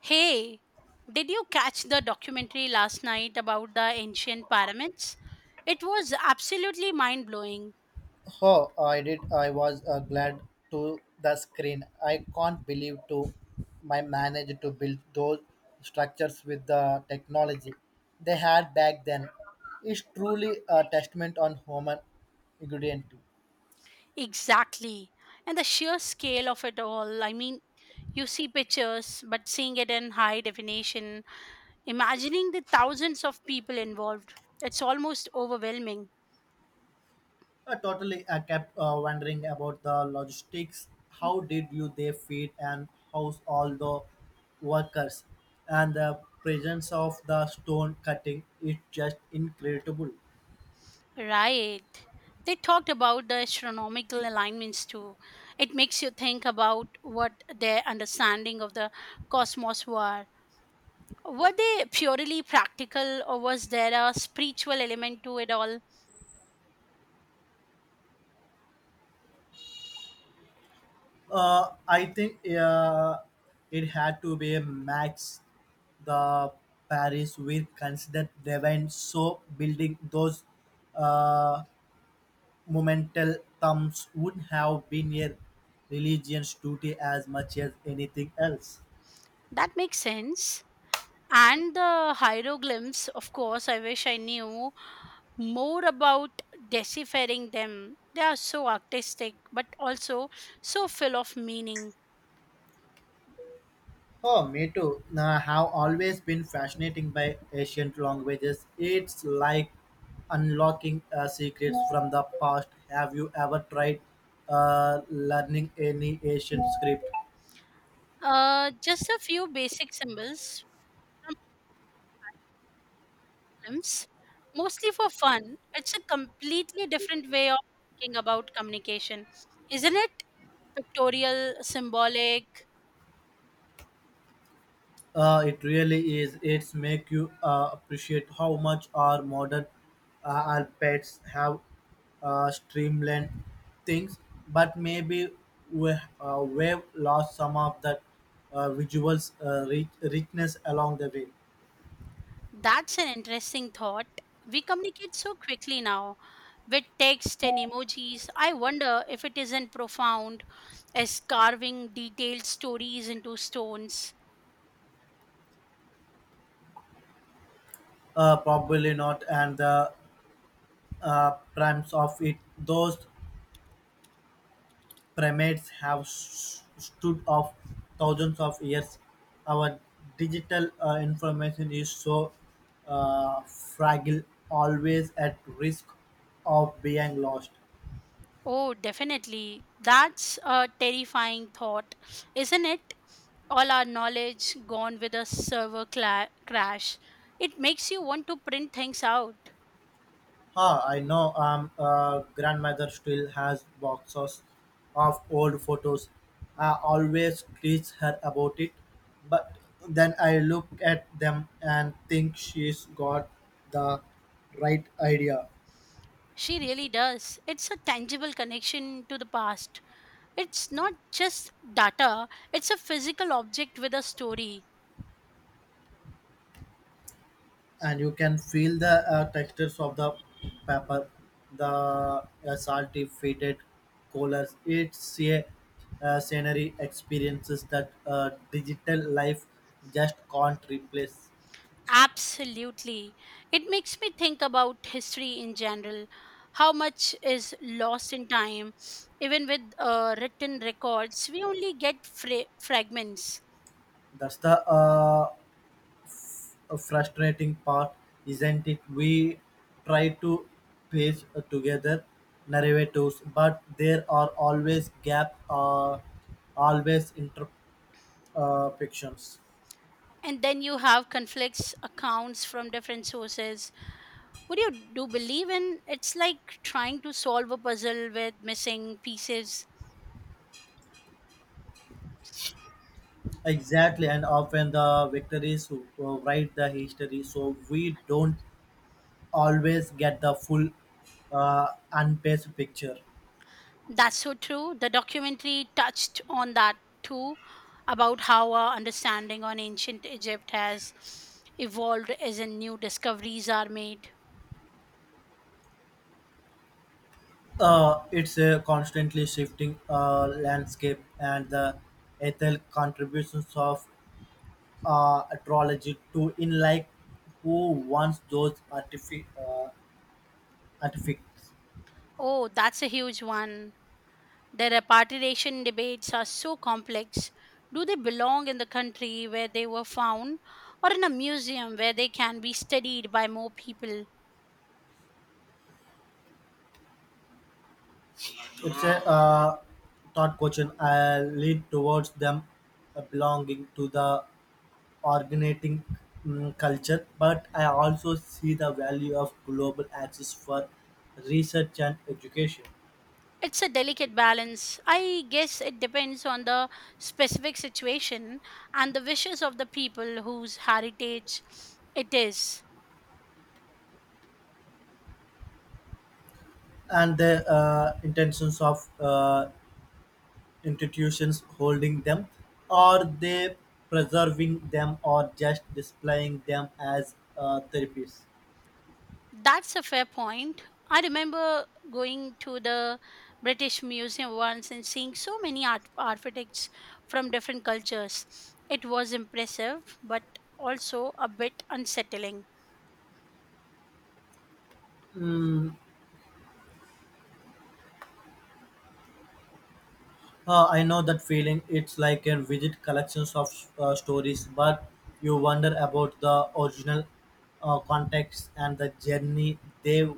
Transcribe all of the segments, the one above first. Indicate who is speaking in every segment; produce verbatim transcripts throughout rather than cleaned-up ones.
Speaker 1: Hey, did you catch the documentary last night about the ancient pyramids? It was absolutely mind blowing.
Speaker 2: Oh, I did. I was uh, glad to the screen. I can't believe to my managed to build those structures with the technology they had back then. It's truly a testament on human ingredient.
Speaker 1: Exactly. And the sheer scale of it all. I mean, you see pictures, but seeing it in high definition, imagining the thousands of people involved, it's almost overwhelming.
Speaker 2: Uh, totally, I kept uh, wondering about the logistics. How did you they feed and house all the workers? And the presence of the stone cutting is just incredible.
Speaker 1: Right. They talked about the astronomical alignments too. It makes you think about what their understanding of the cosmos were. Were they purely practical or was there a spiritual element to it all?
Speaker 2: Uh, I think uh, it had to be a max. The Paris were considered divine, so building those uh, monumental tombs would have been a religion's duty as much as anything else.
Speaker 1: That makes sense. And the hieroglyphs, of course, I wish I knew more about deciphering them. They are so artistic, but also so full of meaning.
Speaker 2: Oh, me too. I have always been fascinated by ancient languages. It's like unlocking uh, secrets from the past. Have you ever tried uh, learning any ancient script?
Speaker 1: Uh, just a few basic symbols, films, mostly for fun. It's a completely different way of thinking about communication, isn't it? Pictorial, symbolic.
Speaker 2: Uh, it really is. It's make you uh, appreciate how much our modern uh, alphabets have uh, streamlined things, but maybe we, uh, we've lost some of that uh, visuals uh, rich, richness along the way.
Speaker 1: That's an interesting thought. We communicate so quickly now with text and emojis. I wonder if it isn't profound as carving detailed stories into stones.
Speaker 2: Uh, probably not, and the uh, primes of it, those primates have s stood of thousands of years. Our digital uh, information is so uh, fragile, always at risk of being lost.
Speaker 1: Oh, definitely. That's a terrifying thought, isn't it? All our knowledge gone with a server cla- crash. It makes you want to print things out.
Speaker 2: Ah, I know. Um, uh, grandmother still has boxes of old photos. I always tease her about it, but then I look at them and think she's got the right idea.
Speaker 1: She really does. It's a tangible connection to the past. It's not just data, it's a physical object with a story.
Speaker 2: And you can feel the uh, textures of the paper, the uh, salty, faded colors. It's a uh, scenery experiences that uh, digital life just can't replace.
Speaker 1: Absolutely. It makes me think about history in general. How much is lost in time? Even with uh, written records, we only get fra- fragments.
Speaker 2: That's the uh, frustrating part, isn't it? We try to piece uh, together narratives, but there are always gaps, uh, always imperfections.
Speaker 1: And then you have conflicts, accounts from different sources. What do you do believe in? It's like trying to solve a puzzle with missing pieces.
Speaker 2: Exactly, and often the victories who who write the history, so we don't always get the full uh, unpaced picture.
Speaker 1: That's so true. The documentary touched on that too, about how our understanding on ancient Egypt has evolved as in new discoveries are made.
Speaker 2: Uh, it's a constantly shifting uh, landscape, and the ethical contributions of uh, astrology to in like who wants those artific uh, artifacts.
Speaker 1: Oh, that's a huge one. The repatriation debates are so complex. Do they belong in the country where they were found or in a museum where they can be studied by more people?
Speaker 2: It's a uh, thought question. I lead towards them uh, belonging to the originating mm, culture, but I also see the value of global access for research and education,
Speaker 1: It's a delicate balance. I guess it depends on the specific situation and the wishes of the people whose heritage it is.
Speaker 2: and the uh, intentions of uh, institutions holding them? Are they preserving them or just displaying them as uh, therapies?
Speaker 1: That's a fair point. I remember going to the British Museum once and seeing so many art- architects from different cultures. It was impressive, but also a bit unsettling.
Speaker 2: Mm, uh, I know that feeling. It's like a vivid collections of uh, stories, but you wonder about the original uh, context and the journey they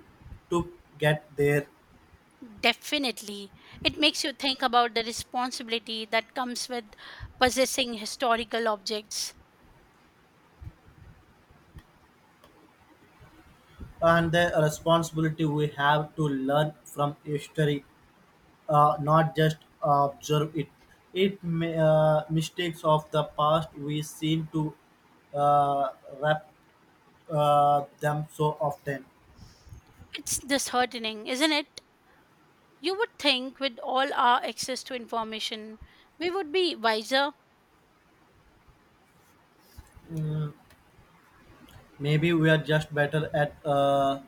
Speaker 2: took get there,
Speaker 1: Definitely. It makes you think about the responsibility that comes with possessing historical objects.
Speaker 2: and the responsibility we have to learn from history, uh, not just observe it. It may, uh, mistakes of the past we seem to uh, wrap uh, them so often.
Speaker 1: It's disheartening, isn't it? You would think, with all our access to information, we would be wiser.
Speaker 2: Mm, maybe we are just better at uh,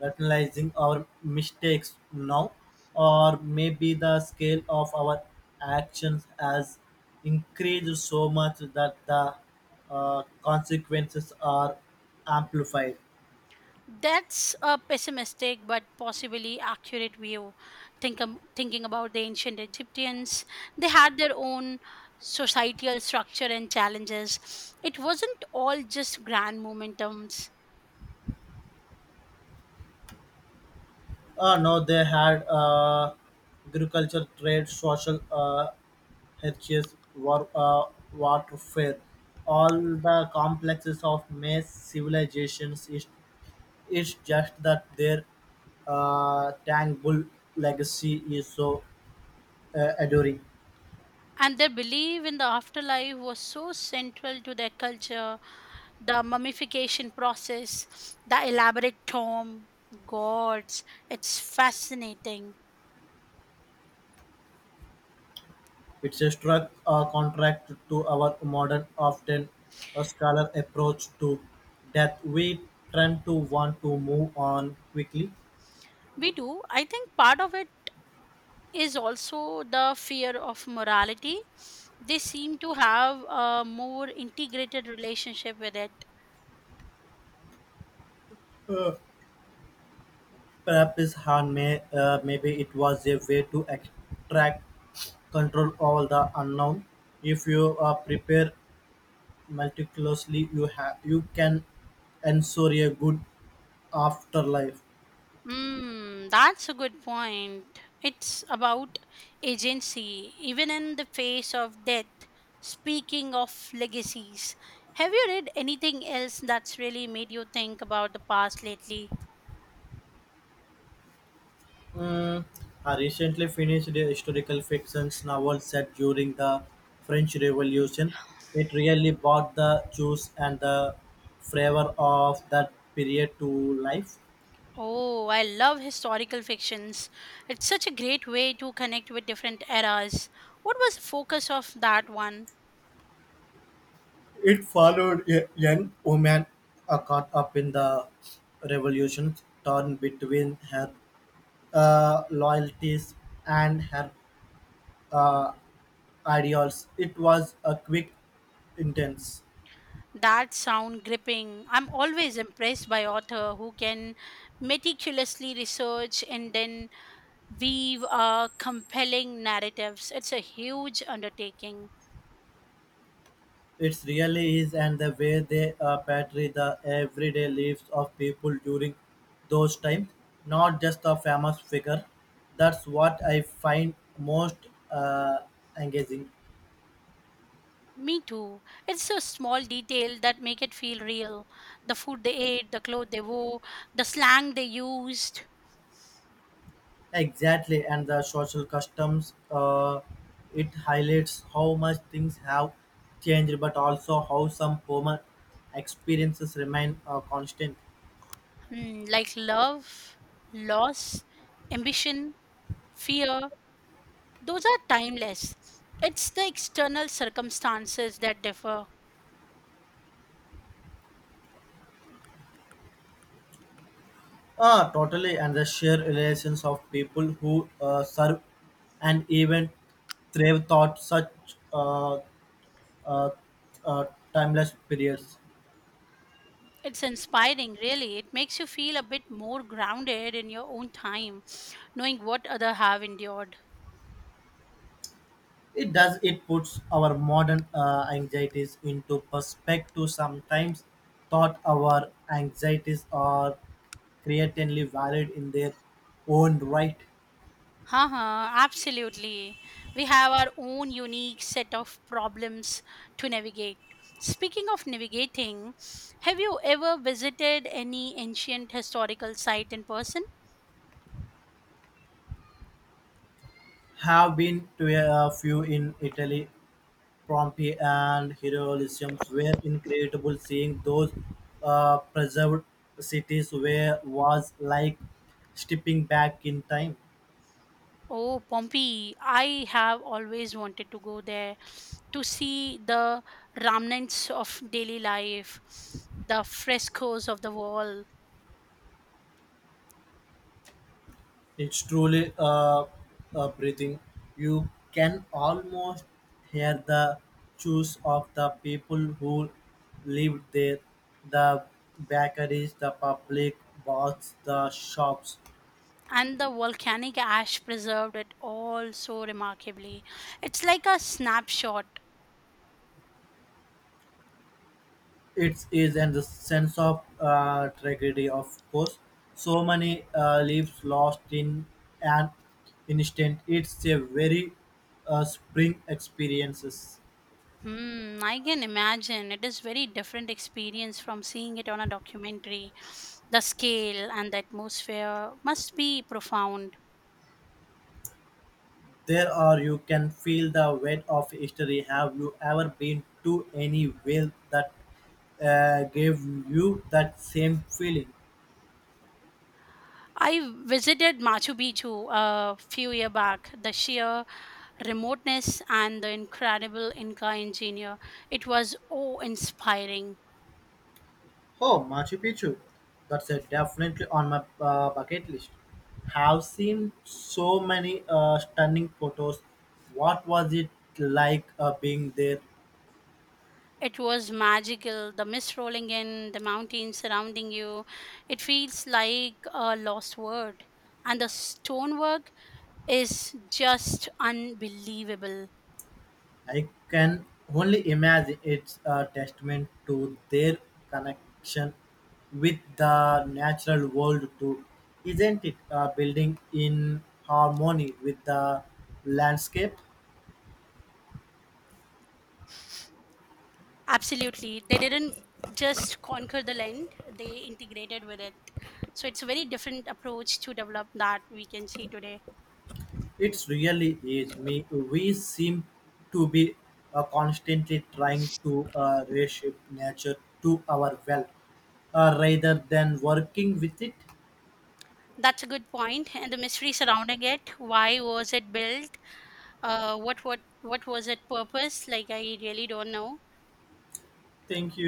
Speaker 2: rationalizing our mistakes now, or maybe the scale of our actions has increased so much that the uh, consequences are amplified.
Speaker 1: That's a pessimistic but possibly accurate view. Think, um, thinking about the ancient Egyptians, they had their own societal structure and challenges. It wasn't all just grand momentums.
Speaker 2: Uh, no, they had uh, agriculture, trade, social uh, heritage, war, uh, warfare, all the complexes of mass civilizations. Is, it's just that their uh, tangible legacy is so uh, enduring.
Speaker 1: And their belief in the afterlife was so central to their culture. The mummification process, the elaborate tomb, gods, it's fascinating.
Speaker 2: It's a struck uh, contract to our modern, often a scholar approach to death. We tend to want to move on quickly.
Speaker 1: We do. I think part of it is also the fear of morality. They seem to have a more integrated relationship with it.
Speaker 2: Uh, Perhaps Han may uh, maybe it was a way to extract control over the unknown. If you uh, prepare meticulously, you have you can ensure a good afterlife.
Speaker 1: Mm, that's a good point. It's about agency, even in the face of death. Speaking of legacies, have you read anything else that's really made you think about the past lately?
Speaker 2: Mm, I recently finished a historical fiction novel set during the French Revolution. It really brought the juice and the flavor of that period to life.
Speaker 1: Oh, I love historical fictions. It's such a great way to connect with different eras. What was the focus of that one?
Speaker 2: It followed a young woman uh, caught up in the revolution, torn between her uh, loyalties and her uh, ideals. It was a quick, intense.
Speaker 1: That sound gripping. I'm always impressed by author who can meticulously research and then weave uh, compelling narratives. It's a huge undertaking.
Speaker 2: It really is, and the way they uh, portray the everyday lives of people during those times, not just a famous figure. That's what I find most uh, engaging.
Speaker 1: Me too. It's a small detail that make it feel real. The food they ate, the clothes they wore, the slang they used.
Speaker 2: Exactly, and the social customs, uh, it highlights how much things have changed, but also how some former experiences remain uh, constant.
Speaker 1: Hmm, like love, loss, ambition, fear. Those are timeless. It's the external circumstances that differ.
Speaker 2: Ah, totally, and the sheer relations of people who uh, serve and even thrive thought such uh, uh, uh, timeless periods.
Speaker 1: It's inspiring, really. It makes you feel a bit more grounded in your own time, knowing what other have endured.
Speaker 2: It does. It puts our modern uh, anxieties into perspective. Sometimes thought our anxieties are creatively valid in their own right.
Speaker 1: Uh-huh, absolutely. We have our own unique set of problems to navigate. Speaking of navigating, have you ever visited any ancient historical site in person?
Speaker 2: Have been to a few in Italy, Pompeii and Heroism were incredible. Seeing those uh, preserved cities where was like stepping back in time.
Speaker 1: Oh, Pompeii. I have always wanted to go there to see the remnants of daily life, the frescoes of the wall,
Speaker 2: It's truly uh, uh, breathing. You can almost hear the chews of the people who lived there, the bakeries, the public baths, the shops.
Speaker 1: and the volcanic ash preserved it all so remarkably. It's like a snapshot.
Speaker 2: It is in the sense of uh, tragedy, of course. So many uh, lives lost in an instant. It's a very uh, spring experiences.
Speaker 1: Hmm, I can imagine. It is very different experience from seeing it on a documentary. The scale and the atmosphere must be profound.
Speaker 2: There are you can feel the weight of history. Have you ever been to any whale that uh, gave you that same feeling?
Speaker 1: I visited Machu Picchu a few year back. The sheer remoteness and the incredible Inca engineer. It was awe-inspiring.
Speaker 2: Oh, Machu Picchu. That's uh, definitely on my uh, bucket list. Have seen so many uh, stunning photos. What was it like uh, being there?
Speaker 1: It was magical. The mist rolling in, the mountains surrounding you. It feels like a lost world. And the stonework is just unbelievable.
Speaker 2: I can only imagine it's a testament to their connection with the natural world too, isn't it? Uh, building in harmony with the landscape.
Speaker 1: Absolutely. They didn't just conquer the land, they integrated with it. So it's a very different approach to develop that we can see today.
Speaker 2: It really is. Me, we seem to be uh, constantly trying to uh, reshape nature to our well, uh, rather than working with it.
Speaker 1: That's a good point. And the mystery surrounding it, why was it built? Uh, what, what, what was its purpose? Like, I really don't know.
Speaker 2: Thank you.